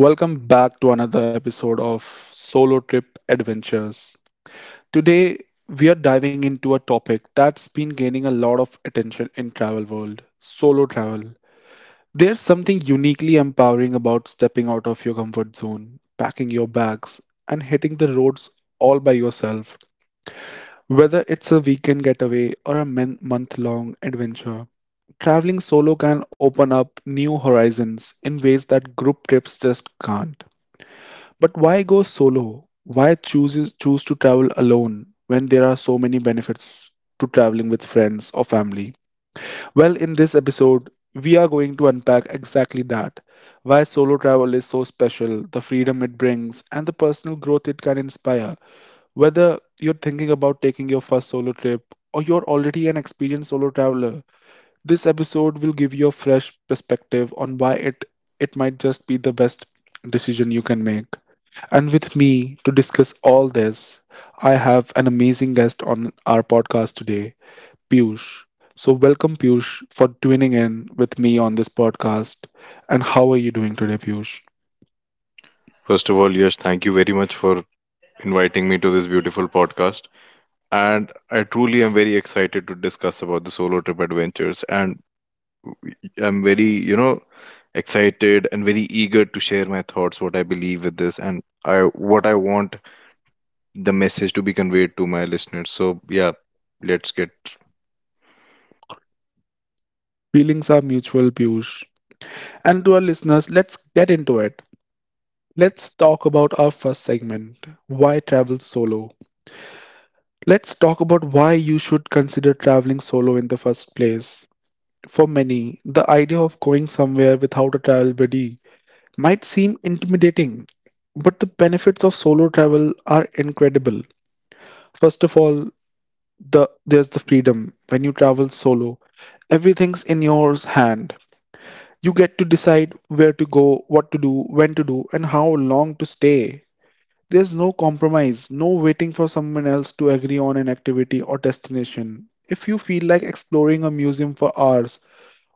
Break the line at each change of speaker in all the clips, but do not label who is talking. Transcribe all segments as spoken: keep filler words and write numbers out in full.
Welcome back to another episode of Solo Trip Adventures. Today we are diving into a topic that's been gaining a lot of attention in travel world, solo travel. There's something uniquely empowering about stepping out of your comfort zone, packing your bags and hitting the roads all by yourself. Whether it's a weekend getaway or a month long adventure, traveling solo can open up new horizons in ways that group trips just can't. But why go solo? Why choose choose to travel alone when there are so many benefits to traveling with friends or family? Well, in this episode, we are going to unpack exactly that. Why solo travel is so special, the freedom it brings, and the personal growth it can inspire. Whether you're thinking about taking your first solo trip or you're already an experienced solo traveler, this episode will give you a fresh perspective on why it it might just be the best decision you can make. And with me to discuss all this, I have an amazing guest on our podcast today, Piyush. So, welcome, Piyush, for tuning in with me on this podcast. And how are you doing today, Piyush?
First of all, Yash, thank you very much for inviting me to this beautiful podcast. And I truly am very excited to discuss about the solo trip adventures. And I'm very, you know, excited and very eager to share my thoughts, what I believe with this, and I what I want the message to be conveyed to my listeners. So yeah, let's get.
Feelings are mutual, Piyush. And to our listeners, let's get into it. Let's talk about our first segment, why travel solo. Let's talk about why you should consider traveling solo in the first place. For many, the idea of going somewhere without a travel buddy might seem intimidating, but the benefits of solo travel are incredible. First of all, the there's the freedom when you travel solo. Everything's in your hand. You get to decide where to go, what to do, when to do, and how long to stay. There's no compromise, no waiting for someone else to agree on an activity or destination. If you feel like exploring a museum for hours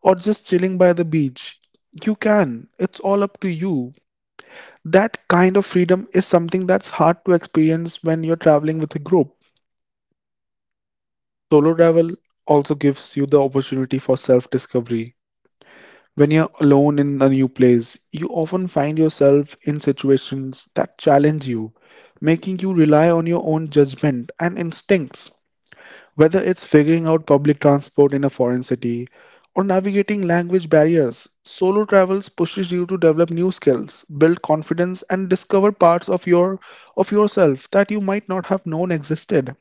or just chilling by the beach, you can. It's all up to you. That kind of freedom is something that's hard to experience when you're traveling with a group. Solo travel also gives you the opportunity for self discovery. When you're alone in a new place, you often find yourself in situations that challenge you, making you rely on your own judgment and instincts. Whether it's figuring out public transport in a foreign city or navigating language barriers, solo travels pushes you to develop new skills, build confidence and discover parts of your of yourself that you might not have known existed.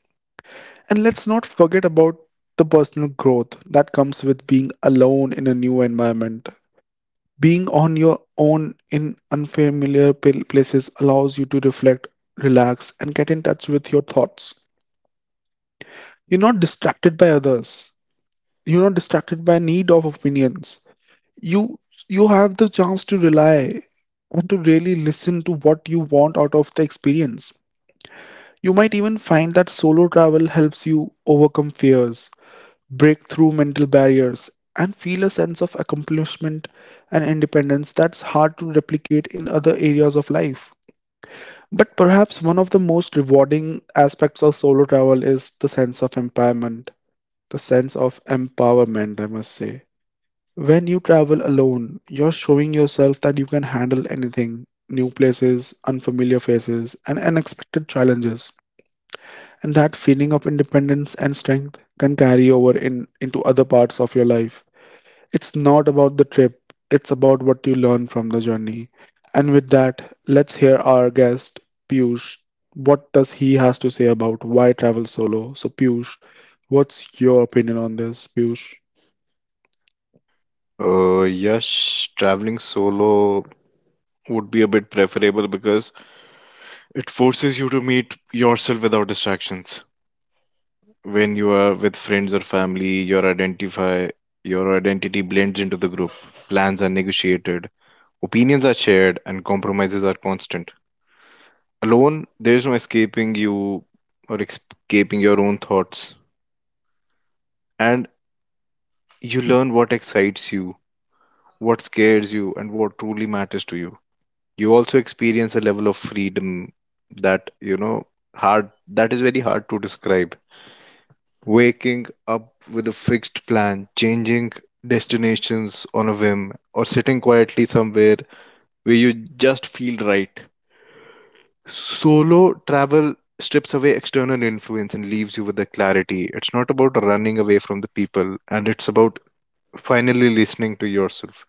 And let's not forget about the personal growth that comes with being alone in a new environment. Being on your own in unfamiliar pl- places allows you to reflect, relax, and get in touch with your thoughts. You're not distracted by others. You're not distracted by need of opinions. You you have the chance to rely and to really listen to what you want out of the experience. You might even find that solo travel helps you overcome fears, break through mental barriers, and feel a sense of accomplishment and independence that's hard to replicate in other areas of life. But perhaps one of the most rewarding aspects of solo travel is the sense of empowerment. The sense of empowerment, I must say. When you travel alone, you're showing yourself that you can handle anything, new places, unfamiliar faces, and unexpected challenges. And that feeling of independence and strength can carry over in, into other parts of your life. It's not about the trip, it's about what you learn from the journey. And with that, let's hear our guest, Piyush. What does he has to say about why travel solo? So Piyush, what's your opinion on this, Piyush?
Uh, Yash, traveling solo would be a bit preferable because it forces you to meet yourself without distractions. When you are with friends or family, your identify your identity blends into the group. Plans are negotiated, opinions are shared, and compromises are constant. Alone, there is no escaping you or escaping your own thoughts, and you learn what excites you, what scares you, and what truly matters to you. You also experience a level of freedom that you know hard that is very hard to describe. Waking up with a fixed plan, changing destinations on a whim, or sitting quietly somewhere where you just feel right. Solo travel strips away external influence and leaves you with the clarity. It's not about running away from the people, and it's about finally listening to yourself.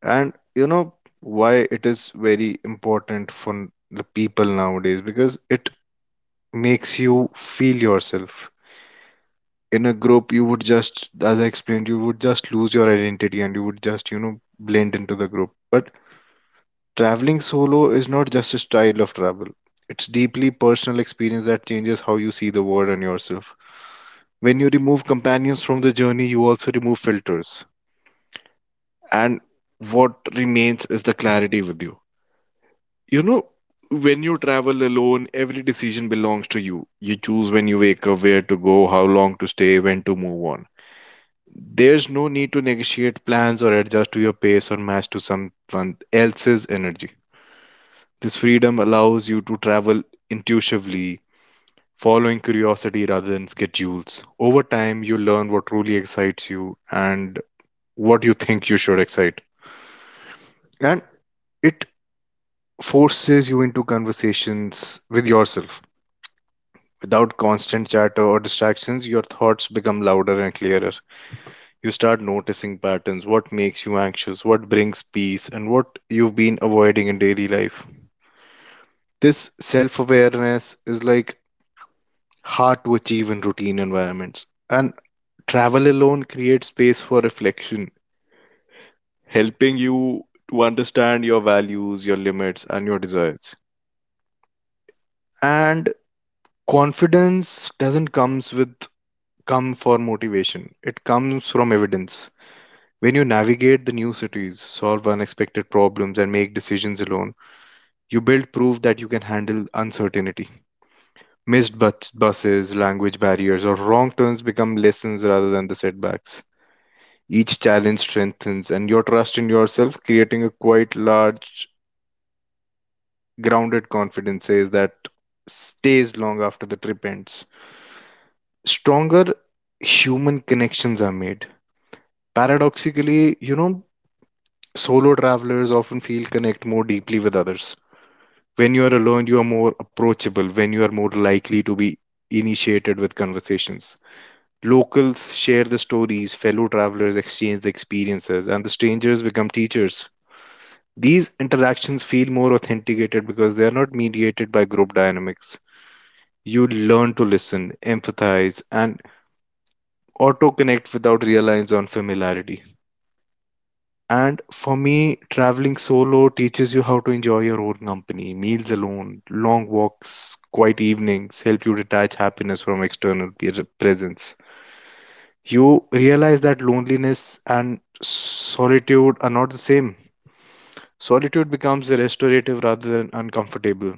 And you know why it is very important for the people nowadays, because it makes you feel yourself. In a group you would just, as I explained, you would just lose your identity and you would just, you know blend into the group. But traveling solo is not just a style of travel, it's deeply personal experience that changes how you see the world and yourself. When you remove companions from the journey, you also remove filters, and what remains is the clarity with you. You know when you travel alone, every decision belongs to you. You choose when you wake up, where to go, how long to stay, when to move on. There's no need to negotiate plans or adjust to your pace or match to someone else's energy. This freedom allows you to travel intuitively, following curiosity rather than schedules. Over time, you learn what truly excites you and what you think you should excite. And it forces you into conversations with yourself. Without constant chatter or distractions, your thoughts become louder and clearer. You start noticing patterns, what makes you anxious, what brings peace, and what you've been avoiding in daily life. This self awareness is like hard to achieve in routine environments. And travel alone creates space for reflection, helping you to understand your values, your limits, and your desires. And confidence doesn't comes with come for motivation. It comes from evidence. When you navigate the new cities, solve unexpected problems, and make decisions alone, you build proof that you can handle uncertainty. Missed bus- buses, language barriers, or wrong turns become lessons rather than the setbacks. Each challenge strengthens, and your trust in yourself, creating a quite large, grounded confidence, says that stays long after the trip ends. Stronger human connections are made. Paradoxically, you know, solo travelers often feel connect more deeply with others. When you are alone, you are more approachable, when you are more likely to be initiated with conversations. Locals share the stories, fellow travelers exchange the experiences, and the strangers become teachers. These interactions feel more authenticated because they are not mediated by group dynamics. You learn to listen, empathize, and auto connect without reliance on familiarity. And for me, traveling solo teaches you how to enjoy your own company. Meals alone, long walks, quiet evenings help you detach happiness from external pe- presence. You realize that loneliness and solitude are not the same. Solitude becomes restorative rather than uncomfortable.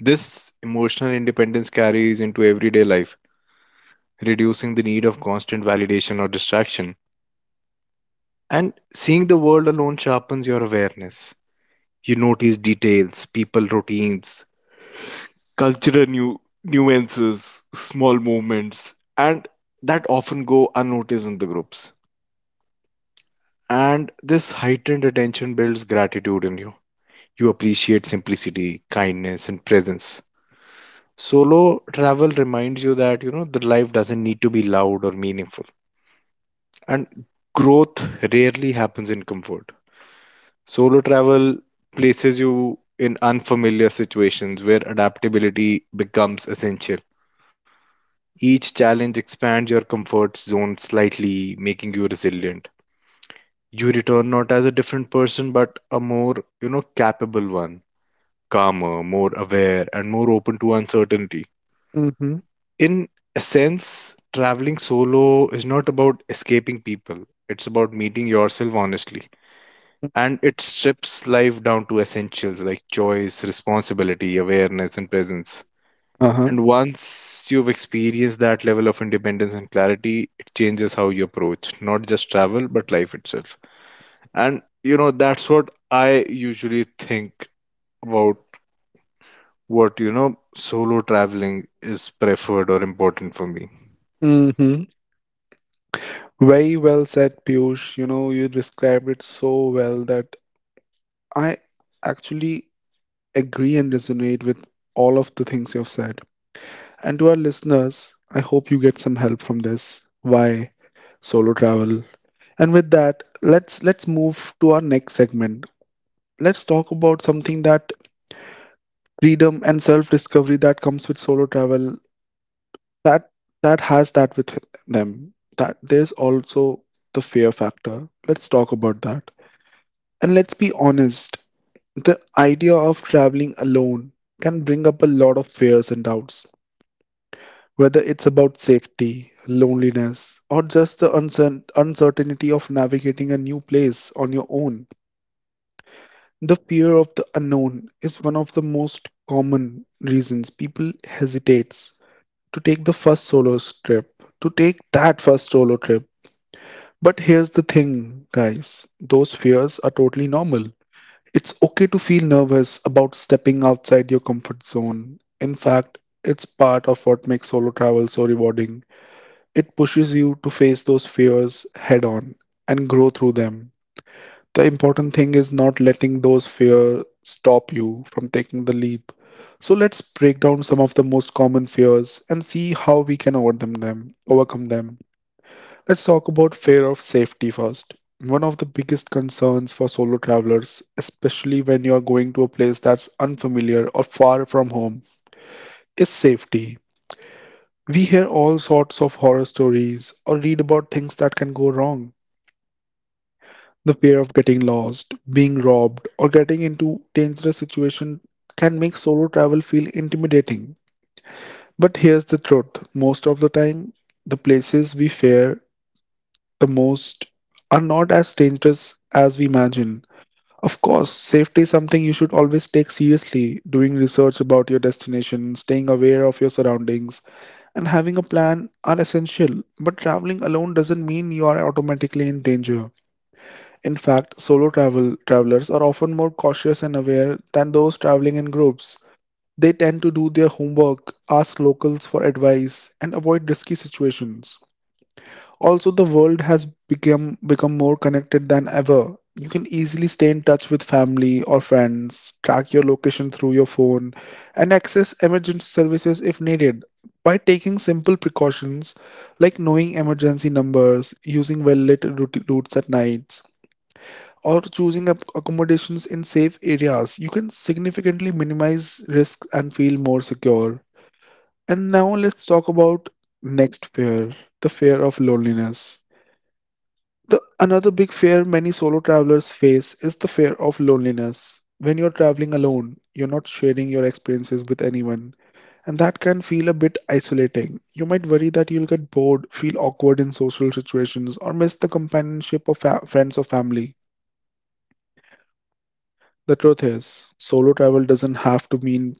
This emotional independence carries into everyday life, reducing the need of constant validation or distraction. And seeing the world alone sharpens your awareness. You notice details, people routines, cultural nu- nuances, small movements, and that often go unnoticed in the groups. And this heightened attention builds gratitude in you. You appreciate simplicity, kindness, and presence. Solo travel reminds you that, you know, the life doesn't need to be loud or meaningful. And growth rarely happens in comfort. Solo travel places you in unfamiliar situations where adaptability becomes essential. Each challenge expands your comfort zone slightly, making you resilient. You return not as a different person, but a more, you know, capable one, calmer, more aware, and more open to uncertainty.
Mm-hmm.
In a sense, traveling solo is not about escaping people, it's about meeting yourself honestly, and it strips life down to essentials like choice, responsibility, awareness, and presence.
Uh-huh.
And once you've experienced that level of independence and clarity, it changes how you approach not just travel but life itself. And you know, that's what I usually think about what you know solo traveling is preferred or important for me.
Mm-hmm. Very well said, Piyush. You know, you described it so well that I actually agree and resonate with all of the things you've said. And to our listeners, I hope you get some help from this. Why solo travel? And with that, let's let's move to our next segment. Let's talk about something that freedom and self-discovery that comes with solo travel that that has that with them. That there's also the fear factor. Let's talk about that. And let's be honest, the idea of traveling alone can bring up a lot of fears and doubts. Whether it's about safety, loneliness, or just the uncer- uncertainty of navigating a new place on your own, the fear of the unknown is one of the most common reasons people hesitate to take the first solo trip, to take that first solo trip. But here's the thing, guys, those fears are totally normal. It's okay to feel nervous about stepping outside your comfort zone. In fact, it's part of what makes solo travel so rewarding. It pushes you to face those fears head on and grow through them. The important thing is not letting those fears stop you from taking the leap. So let's break down some of the most common fears and see how we can overcome them. Overcome them. Let's talk about fear of safety first. One of the biggest concerns for solo travelers, especially when you are going to a place that's unfamiliar or far from home, is safety. We hear all sorts of horror stories or read about things that can go wrong. The fear of getting lost, being robbed, or getting into dangerous situation can make solo travel feel intimidating. But here's the truth. Most of the time, the places we fear the most are not as dangerous as we imagine. Of course, safety is something you should always take seriously. Doing research about your destination, staying aware of your surroundings, and having a plan are essential. But traveling alone doesn't mean you are automatically in danger. In fact, solo travel travelers are often more cautious and aware than those traveling in groups. They tend to do their homework, ask locals for advice, and avoid risky situations. Also, the world has become become more connected than ever. You can easily stay in touch with family or friends, track your location through your phone, and access emergency services if needed. By taking simple precautions like knowing emergency numbers, using well-lit route- routes at night, or choosing ac- accommodations in safe areas, you can significantly minimize risks and feel more secure. And now let's talk about next fear, the fear of loneliness. The another big fear many solo travelers face is the fear of loneliness. When you're traveling alone, you're not sharing your experiences with anyone, and that can feel a bit isolating. You might worry that you'll get bored, feel awkward in social situations, or miss the companionship of fa- friends or family. The truth is, solo travel doesn't have to mean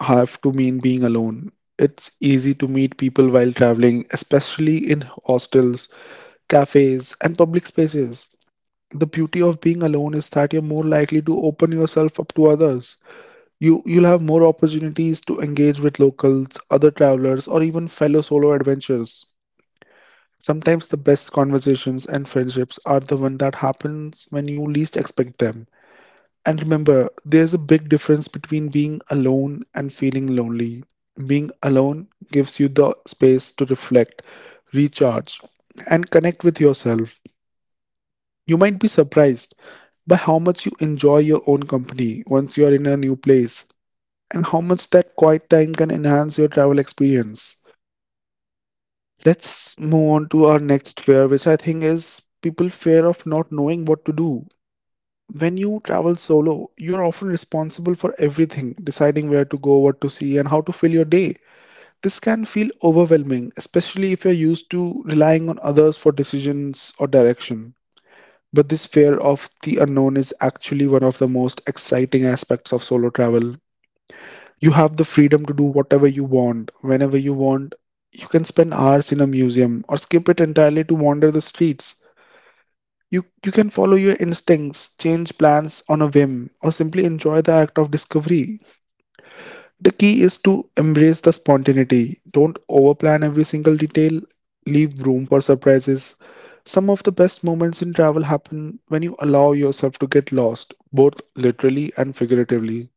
have to mean being alone. It's easy to meet people while traveling, especially in hostels, cafes, and public spaces. The beauty of being alone is that you're more likely to open yourself up to others. You you'll have more opportunities to engage with locals, other travelers, or even fellow solo adventurers. Sometimes the best conversations and friendships are the one that happens when you least expect them. And remember, there's a big difference between being alone and feeling lonely. Being alone gives you the space to reflect, recharge, and connect with yourself. You might be surprised by how much you enjoy your own company once you are in a new place, and how much that quiet time can enhance your travel experience. Let's move on to our next fear, which I think is people fear of not knowing what to do. When you travel solo, you're often responsible for everything, deciding where to go, what to see, and how to fill your day. This can feel overwhelming, especially if you're used to relying on others for decisions or direction. But this fear of the unknown is actually one of the most exciting aspects of solo travel. You have the freedom to do whatever you want, whenever you want. You can spend hours in a museum or skip it entirely to wander the streets. You, you can follow your instincts, change plans on a whim, or simply enjoy the act of discovery. The key is to embrace the spontaneity. Don't overplan every single detail, leave room for surprises. Some of the best moments in travel happen when you allow yourself to get lost, both literally and figuratively.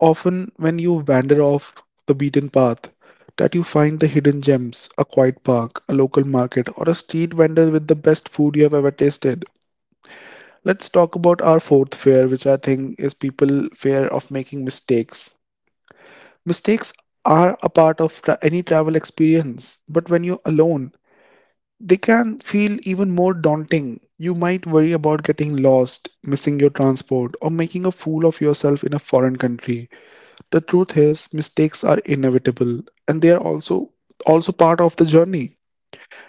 Often, when you wander off the beaten path, that you find the hidden gems, a quiet park, a local market, or a street vendor with the best food you have ever tasted. Let's talk about our fourth fear, which I think is people fear of making mistakes. Mistakes are a part of tra- any travel experience, but when you're alone, they can feel even more daunting. You might worry about getting lost, missing your transport, or making a fool of yourself in a foreign country. The truth is, mistakes are inevitable and they are also also part of the journey.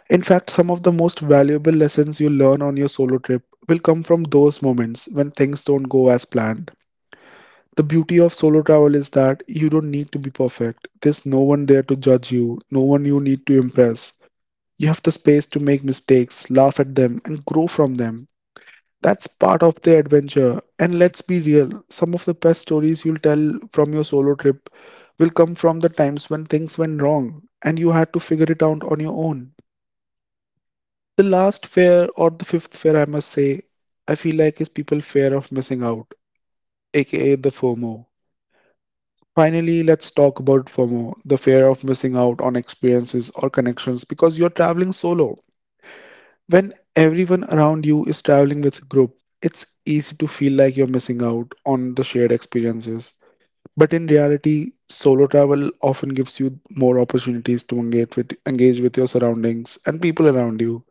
In fact, some of the most valuable lessons you learn on your solo trip will come from those moments when things don't go as planned. The beauty of solo travel is that you don't need to be perfect. There's no one there to judge you, no one you need to impress. You have the space to make mistakes, laugh at them, and grow from them. That's part of the adventure. And let's be real, some of the best stories you'll tell from your solo trip will come from the times when things went wrong and you had to figure it out on your own. The last fear, or the fifth fear, I must say, I feel like, is people fear of missing out, aka the FOMO. Finally, let's talk about FOMO, the fear of missing out on experiences or connections because you're traveling solo. When everyone around you is traveling with a group, it's easy to feel like you're missing out on the shared experiences. But in reality, solo travel often gives you more opportunities to engage with engage with your surroundings and people around you.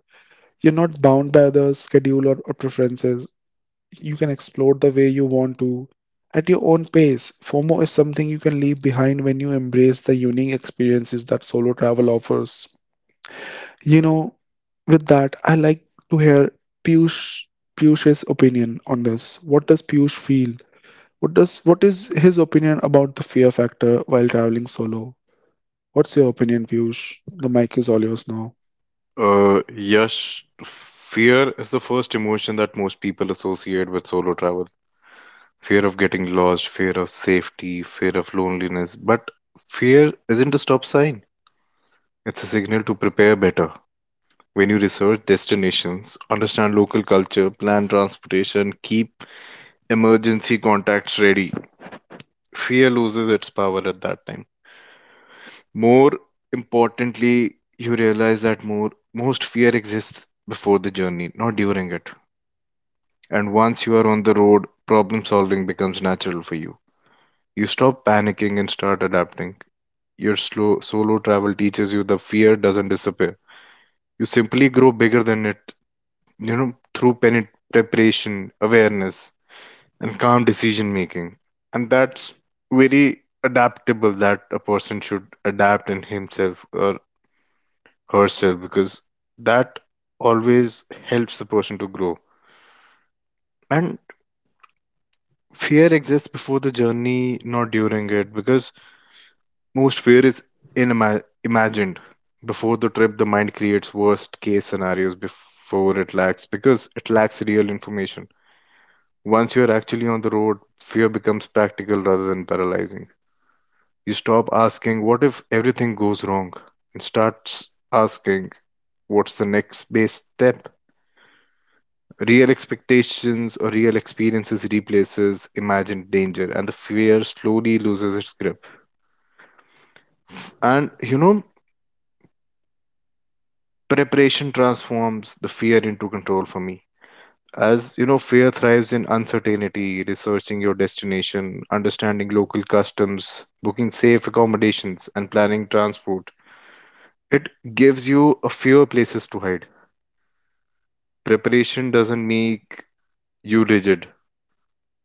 You're not bound by others' schedule or, or preferences. You can explore the way you want to at your own pace. FOMO is something you can leave behind when you embrace the unique experiences that solo travel offers. You know, with that, I like to hear Piyush Piyush's opinion on this. What does Piyush feel? What does what is his opinion about the fear factor while traveling solo? What's your opinion, Piyush? The mic is all yours now.
Uh, yes, fear is the first emotion that most people associate with solo travel. Fear of getting lost, fear of safety, fear of loneliness. But fear isn't a stop sign, it's a signal to prepare better. When you research destinations, understand local culture, plan transportation, keep emergency contacts ready, fear loses its power at that time. More importantly, you realize that more, most fear exists before the journey, not during it. And once you are on the road, problem solving becomes natural for you. You stop panicking and start adapting. Your slow solo travel teaches you the fear doesn't disappear. You simply grow bigger than it, you know, through pen- preparation, awareness, and calm decision making. And that's very adaptable that a person should adapt in himself or herself, because that always helps the person to grow. And fear exists before the journey, not during it, because most fear is inima- imagined. Before the trip, the mind creates worst case scenarios before it lacks because it lacks real information. Once you're actually on the road, fear becomes practical rather than paralyzing. You stop asking, "What if everything goes wrong?" and starts asking, "What's the next best step?" Real expectations or real experiences replaces imagined danger, and the fear slowly loses its grip. And you know, preparation transforms the fear into control for me. As you know fear thrives in uncertainty, researching your destination, understanding local customs, booking safe accommodations, and planning transport, it gives you a fewer places to hide. Preparation doesn't make you rigid,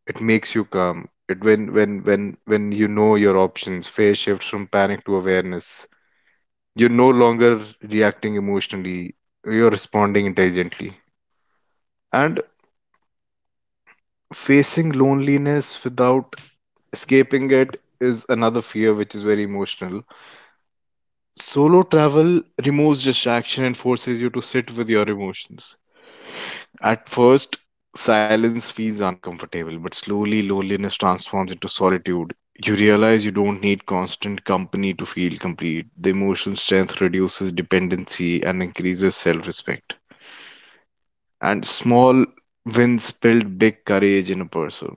it makes you calm. It when when when when you know your options, fear shifts from panic to awareness. You're no longer reacting emotionally, you're responding intelligently. And facing loneliness without escaping it is another fear which is very emotional. Solo travel removes distraction and forces you to sit with your emotions. At first, silence feels uncomfortable, but slowly loneliness transforms into solitude. You realize you don't need constant company to feel complete. The emotional strength reduces dependency and increases self respect. And small wins build big courage in a person.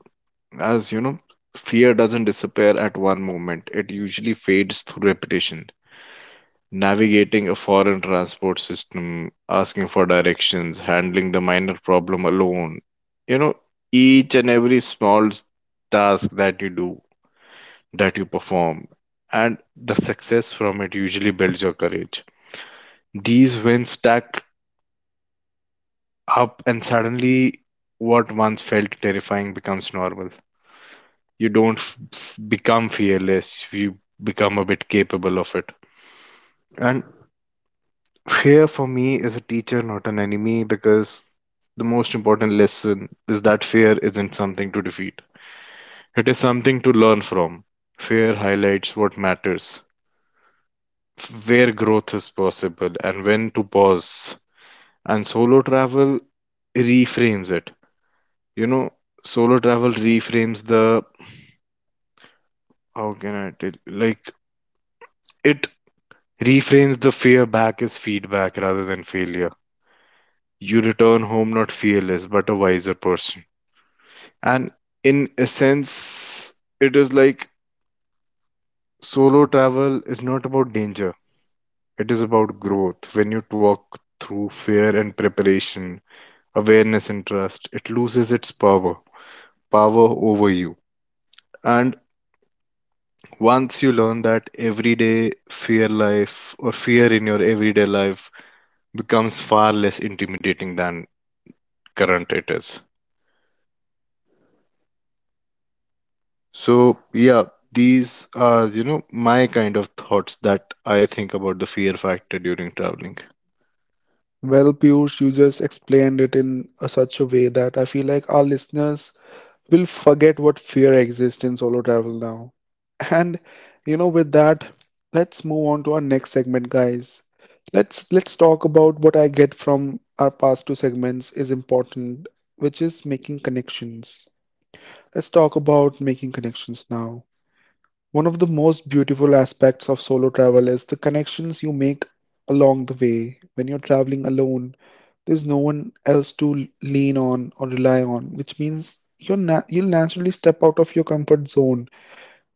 As you know, fear doesn't disappear at one moment, it usually fades through repetition. Navigating a foreign transport system, asking for directions, handling the minor problem alone. You know, each and every small s- task that you do, that you perform, and the success from it usually builds your courage. These wins stack up, and suddenly what once felt terrifying becomes normal. You don't f- f- become fearless, you become a bit capable of it. And fear for me is a teacher, not an enemy, because the most important lesson is that fear isn't something to defeat, it is something to learn from. Fear highlights what matters, where growth is possible, and when to pause. And solo travel reframes it. You know, solo travel reframes the how can I tell you? Like it Reframes the fear back as feedback rather than failure. You return home not fearless, but a wiser person. And in a sense, it is like solo travel is not about danger, it is about growth. When you walk through fear and preparation, awareness and trust, it loses its power, power over you. And once you learn that everyday fear life or fear in your everyday life becomes far less intimidating than current it is. So, yeah, these are, you know, my kind of thoughts that I think about the fear factor during traveling.
Well, Piyush, you just explained it in a, such a way that I feel like our listeners We'll forget what fear exists in solo travel now. And you know, with that, let's move on to our next segment, guys. Let's let's talk about what I get from our past two segments is important, which is making connections. Let's talk about making connections now. One of the most beautiful aspects of solo travel is the connections you make along the way. When you're traveling alone, there's no one else to lean on or rely on, which means you're na- you'll naturally step out of your comfort zone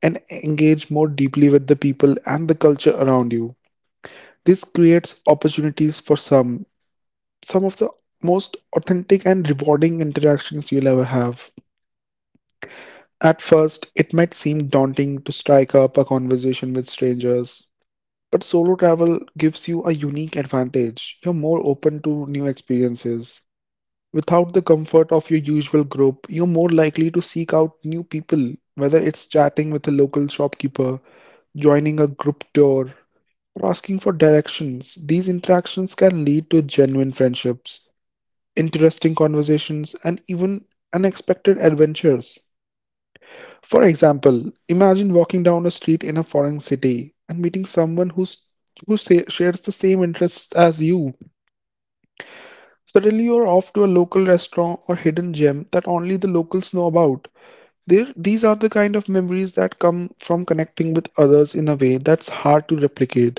and engage more deeply with the people and the culture around you. This creates opportunities for some, some of the most authentic and rewarding interactions you'll ever have. At first, it might seem daunting to strike up a conversation with strangers, but solo travel gives you a unique advantage. You're more open to new experiences. Without the comfort of your usual group, you're more likely to seek out new people, whether it's chatting with a local shopkeeper, joining a group tour, or asking for directions. These interactions can lead to genuine friendships, interesting conversations, and even unexpected adventures. For example, imagine walking down a street in a foreign city and meeting someone who's, who sa- shares the same interests as you. Suddenly, you're off to a local restaurant or hidden gem that only the locals know about. There, these are the kind of memories that come from connecting with others in a way that's hard to replicate.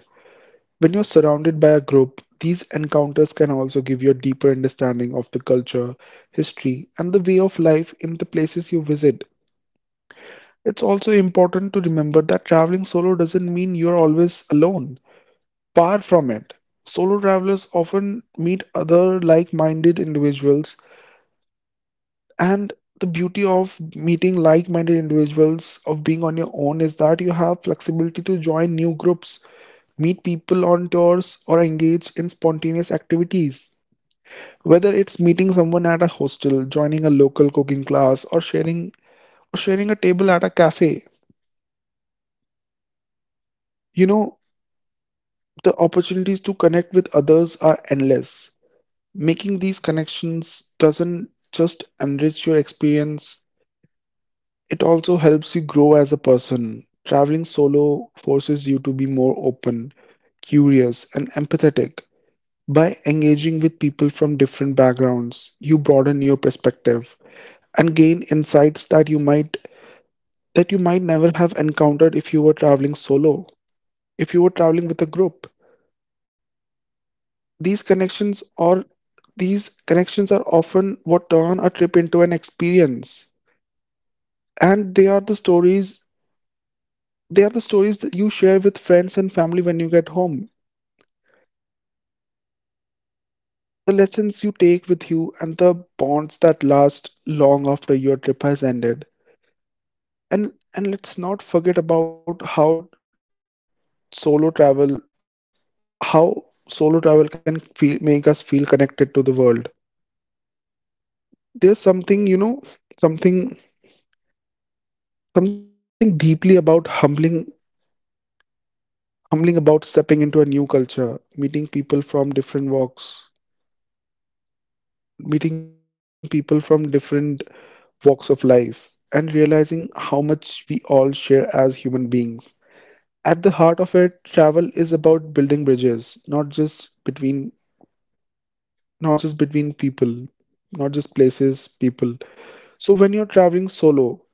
When you're surrounded by a group, these encounters can also give you a deeper understanding of the culture, history, and the way of life in the places you visit. It's also important to remember that traveling solo doesn't mean you're always alone. Far from it. Solo travelers often meet other like minded individuals. And the beauty of meeting like minded individuals, of being on your own, is that you have flexibility to join new groups, meet people on tours, or engage in spontaneous activities. Whether it's meeting someone at a hostel, joining a local cooking class, or sharing or sharing a table at a cafe, you know, the opportunities
Uh,
to connect with others are endless.
Yash, you know, you just
Making these
described the
connections
most
doesn't
important thing
just
during
enrich
traveling,
your
is like
experience,
making connection.
it also helps you grow as a person. Traveling
And one
solo
of the biggest
forces you to be more
misconception about
open,
solo travel is
curious,
that
and
it leads to
empathetic.
loneliness.
By engaging with
It
people from
it
different
In
backgrounds, you
reality,
broaden your
traveling
perspective
alone
and gain
often opens
insights
more
that you
doors to
might
human connection than
that you
traveling
might never
in
have
a group.
encountered if you were traveling solo,
And
if you were traveling with a group.
it is like, you know,
These connections are
traveling alone
these connections
often
are
opens
often
more
what turn a trip into an
it is
experience,
like
and they are the stories
opens
They are the
more
stories that
doors
you
to
share
human
with
connection
friends
than
and family
traveling in
when
a
you
group.
get home,
When it
the
is
lessons you take
When you're
with you,
traveling
and the
solo,
bonds
you
that
become more
last
present
long after your trip has ended.
more present, approachable
And
and
and
open,
let's
and
not
that
forget
changes
about
how people
how
interact with you.
solo travel,
And
how solo travel
being
can
alone,
feel, make us
it is
feel
like,
connected to the world.
makes you more approachable.
There's something, you know, something
It is like, when
something
you
deeply
travel with
about
friends, you
humbling
naturally stay within the g- group's
humbling about
bubble.
stepping into a new culture, meeting people
Conversations with
from
strangers
different
are brief
walks,
or avoided together. But also,
meeting
as a
people
solo
from
traveler, you
different
appear more
walks
often.
of life, and realizing how
People
much we all share as
feel
human
less
beings.
intrusive
At the heart of
starting a
it, travel
conversation with
is about
someone
building
who's
bridges,
alone.
not just between
And local fellow
not just between
travelers, yeah,
people,
and even the
not
strangers
just
are more
places,
likely to get
people.
engaged,
So
ask
when you're
questions,
traveling
or offer
solo,
help.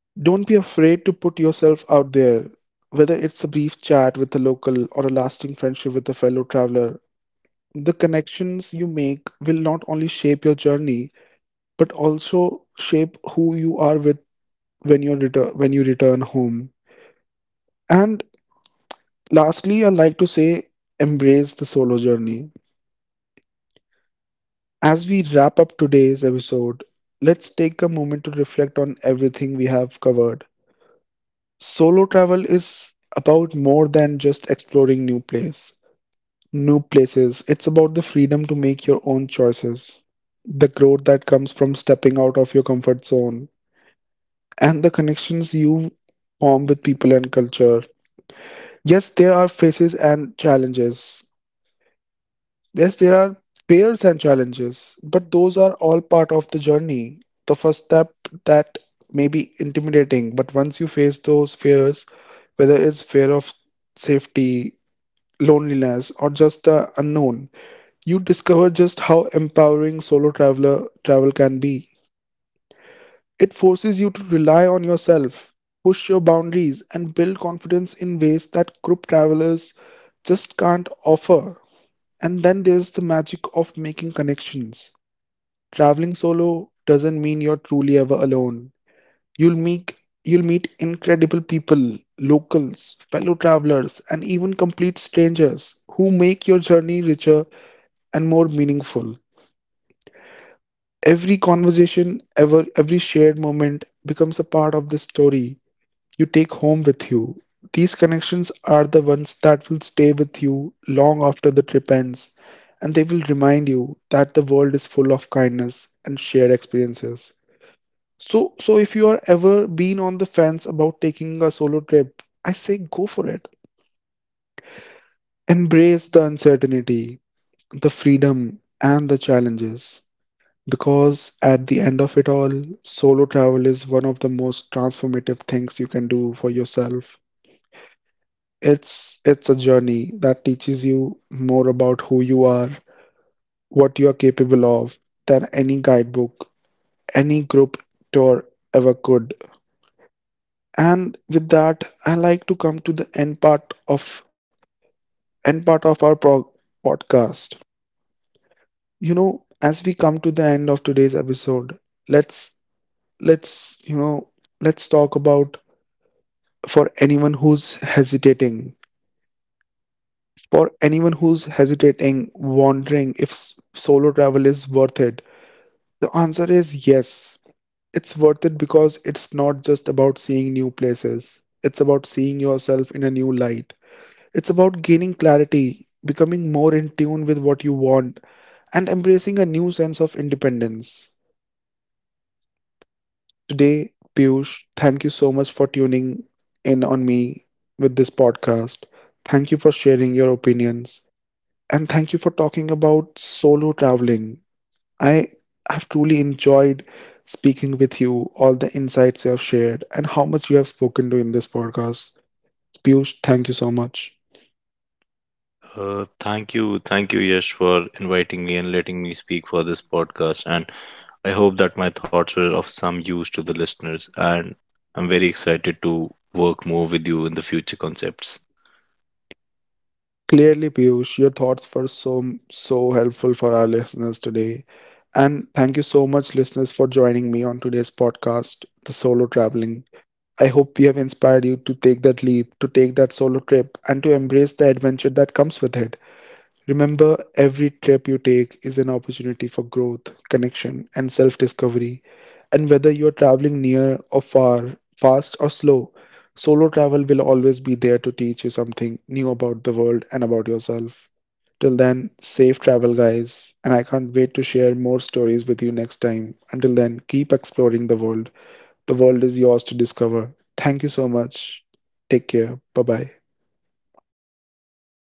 Your
don't be
solitude
afraid to put
invites
yourself out
interaction for you.
there. Whether it's a brief chat with a
And
local or a lasting friendship with a fellow traveler,
learn to
the
initiate
connections
without
you
fear.
make will not only shape your
It
journey,
is like
but also
traveling
shape
alone
who you are with
teaches you to
when
take
you return
every
when you
first step,
return
you know,
home.
socially.
And
It is asking for
lastly, I'd like to
directions,
say embrace
joining
the
a
solo
shared
journey.
table, or striking up a conversation
As we
becomes a
wrap
skill.
up today's episode, let's
Initially,
take
it
a
feels
moment to reflect
comfortable,
on
but
everything we
that
have covered.
discomfort fades quickly.
Solo travel is
You
about
learn
more
that
than
rejection
just
is
exploring
rare
new
and usually
place,
harmless.
new places. It's
And this
about the
is
freedom to make your own
very, you
choices,
know,
the growth
this
that comes from
confidence
stepping
is-
out
in
of your comfort
initiating
zone,
connection stays with you for a longer
and the
period of
connections
time
you
after the journey
form with
ends.
people and culture. Yes,
And
there are faces and
redefining
challenges.
loneliness for me is like
Yes, there are fears and
perhaps the
challenges,
biggest
but those are all
lesson
part
in
of the
understanding the
journey.
difference
The first
between
step
loneliness and
that
solitude.
may
It
be
is,
intimidating, but
solo
once you
travel
face
shows you
those
that being
fears,
alone doesn't
whether
mean
it's fear of
disconnected.
safety,
In fact,
loneliness,
it
or just the unknown, you discover just how
of it you
empowering
know
solo traveler
offers a
travel can
person
be. It forces
it
you to rely on
offers
yourself, push your boundaries, and build confidence in ways
it
that group
it it
travelers
offers you
just
more
can't
connection to
offer.
humanity. And
And then
as a
there's the
whole,
magic of
you
making
realize that
connections.
meaningful connection doesn't
Traveling
require
solo
constant
doesn't mean you're
companionship, it
truly
requires
ever alone.
openness.
You'll meet
So yeah,
you'll meet
this is what you know
incredible
I
people,
think about
locals,
the
fellow
concept
travelers,
of
and
making
even complete
connections during the trip.
strangers who make your journey richer and more meaningful. Every conversation, ever Every shared moment becomes a part of the story you take home with you. These connections are the ones that will stay with you long after the trip ends, and they will remind you that the world is full of kindness and shared experiences. So, so if you are ever been on the fence about taking a solo trip, I say go for it. Embrace the uncertainty, the freedom, and the challenges. Because at the end of it all, solo travel is one of the most transformative things you can do for yourself. It's it's a journey that teaches you more about who you are, what you are capable of than any guidebook, any group tour ever could. And with that, I like to come to the end part of end part of our pro- podcast. You know, as we come to the end of today's episode, let's let's you know let's talk about for anyone who's hesitating for anyone who's hesitating, wondering if s- solo travel is worth it. The answer is yes. It's worth it because it's not just about seeing new places. It's about seeing yourself in a new light. It's about gaining clarity, becoming more in tune with what you want, and embracing a new sense of independence. Today, Piyush, thank you so much for tuning in on me with this podcast. Thank you for sharing your opinions. And thank you for talking about solo traveling. I have truly enjoyed speaking with you, all the insights you have shared, and how much you have spoken to in this podcast. Piyush, thank you so much.
Uh, thank you, thank you, Yash, for inviting me and letting me speak for this podcast. And I hope that my thoughts were of some use to the listeners. And I'm very excited to work more with you in the future concepts.
Clearly, Piyush, your thoughts were so so helpful for our listeners today. And thank you so much, listeners, for joining me on today's podcast, The Solo Traveling. I hope we have inspired you to take that leap, to take that solo trip, and to embrace the adventure that comes with it. Remember, every trip you take is an opportunity for growth, connection, and self discovery. And whether you're traveling near or far, fast or slow, solo travel will always be there to teach you something new about the world and about yourself. Till then, safe travel, guys. And I can't wait to share more stories with you next time. Until then, keep exploring the world. The world is yours to discover. Thank you so much. Take care. Bye bye.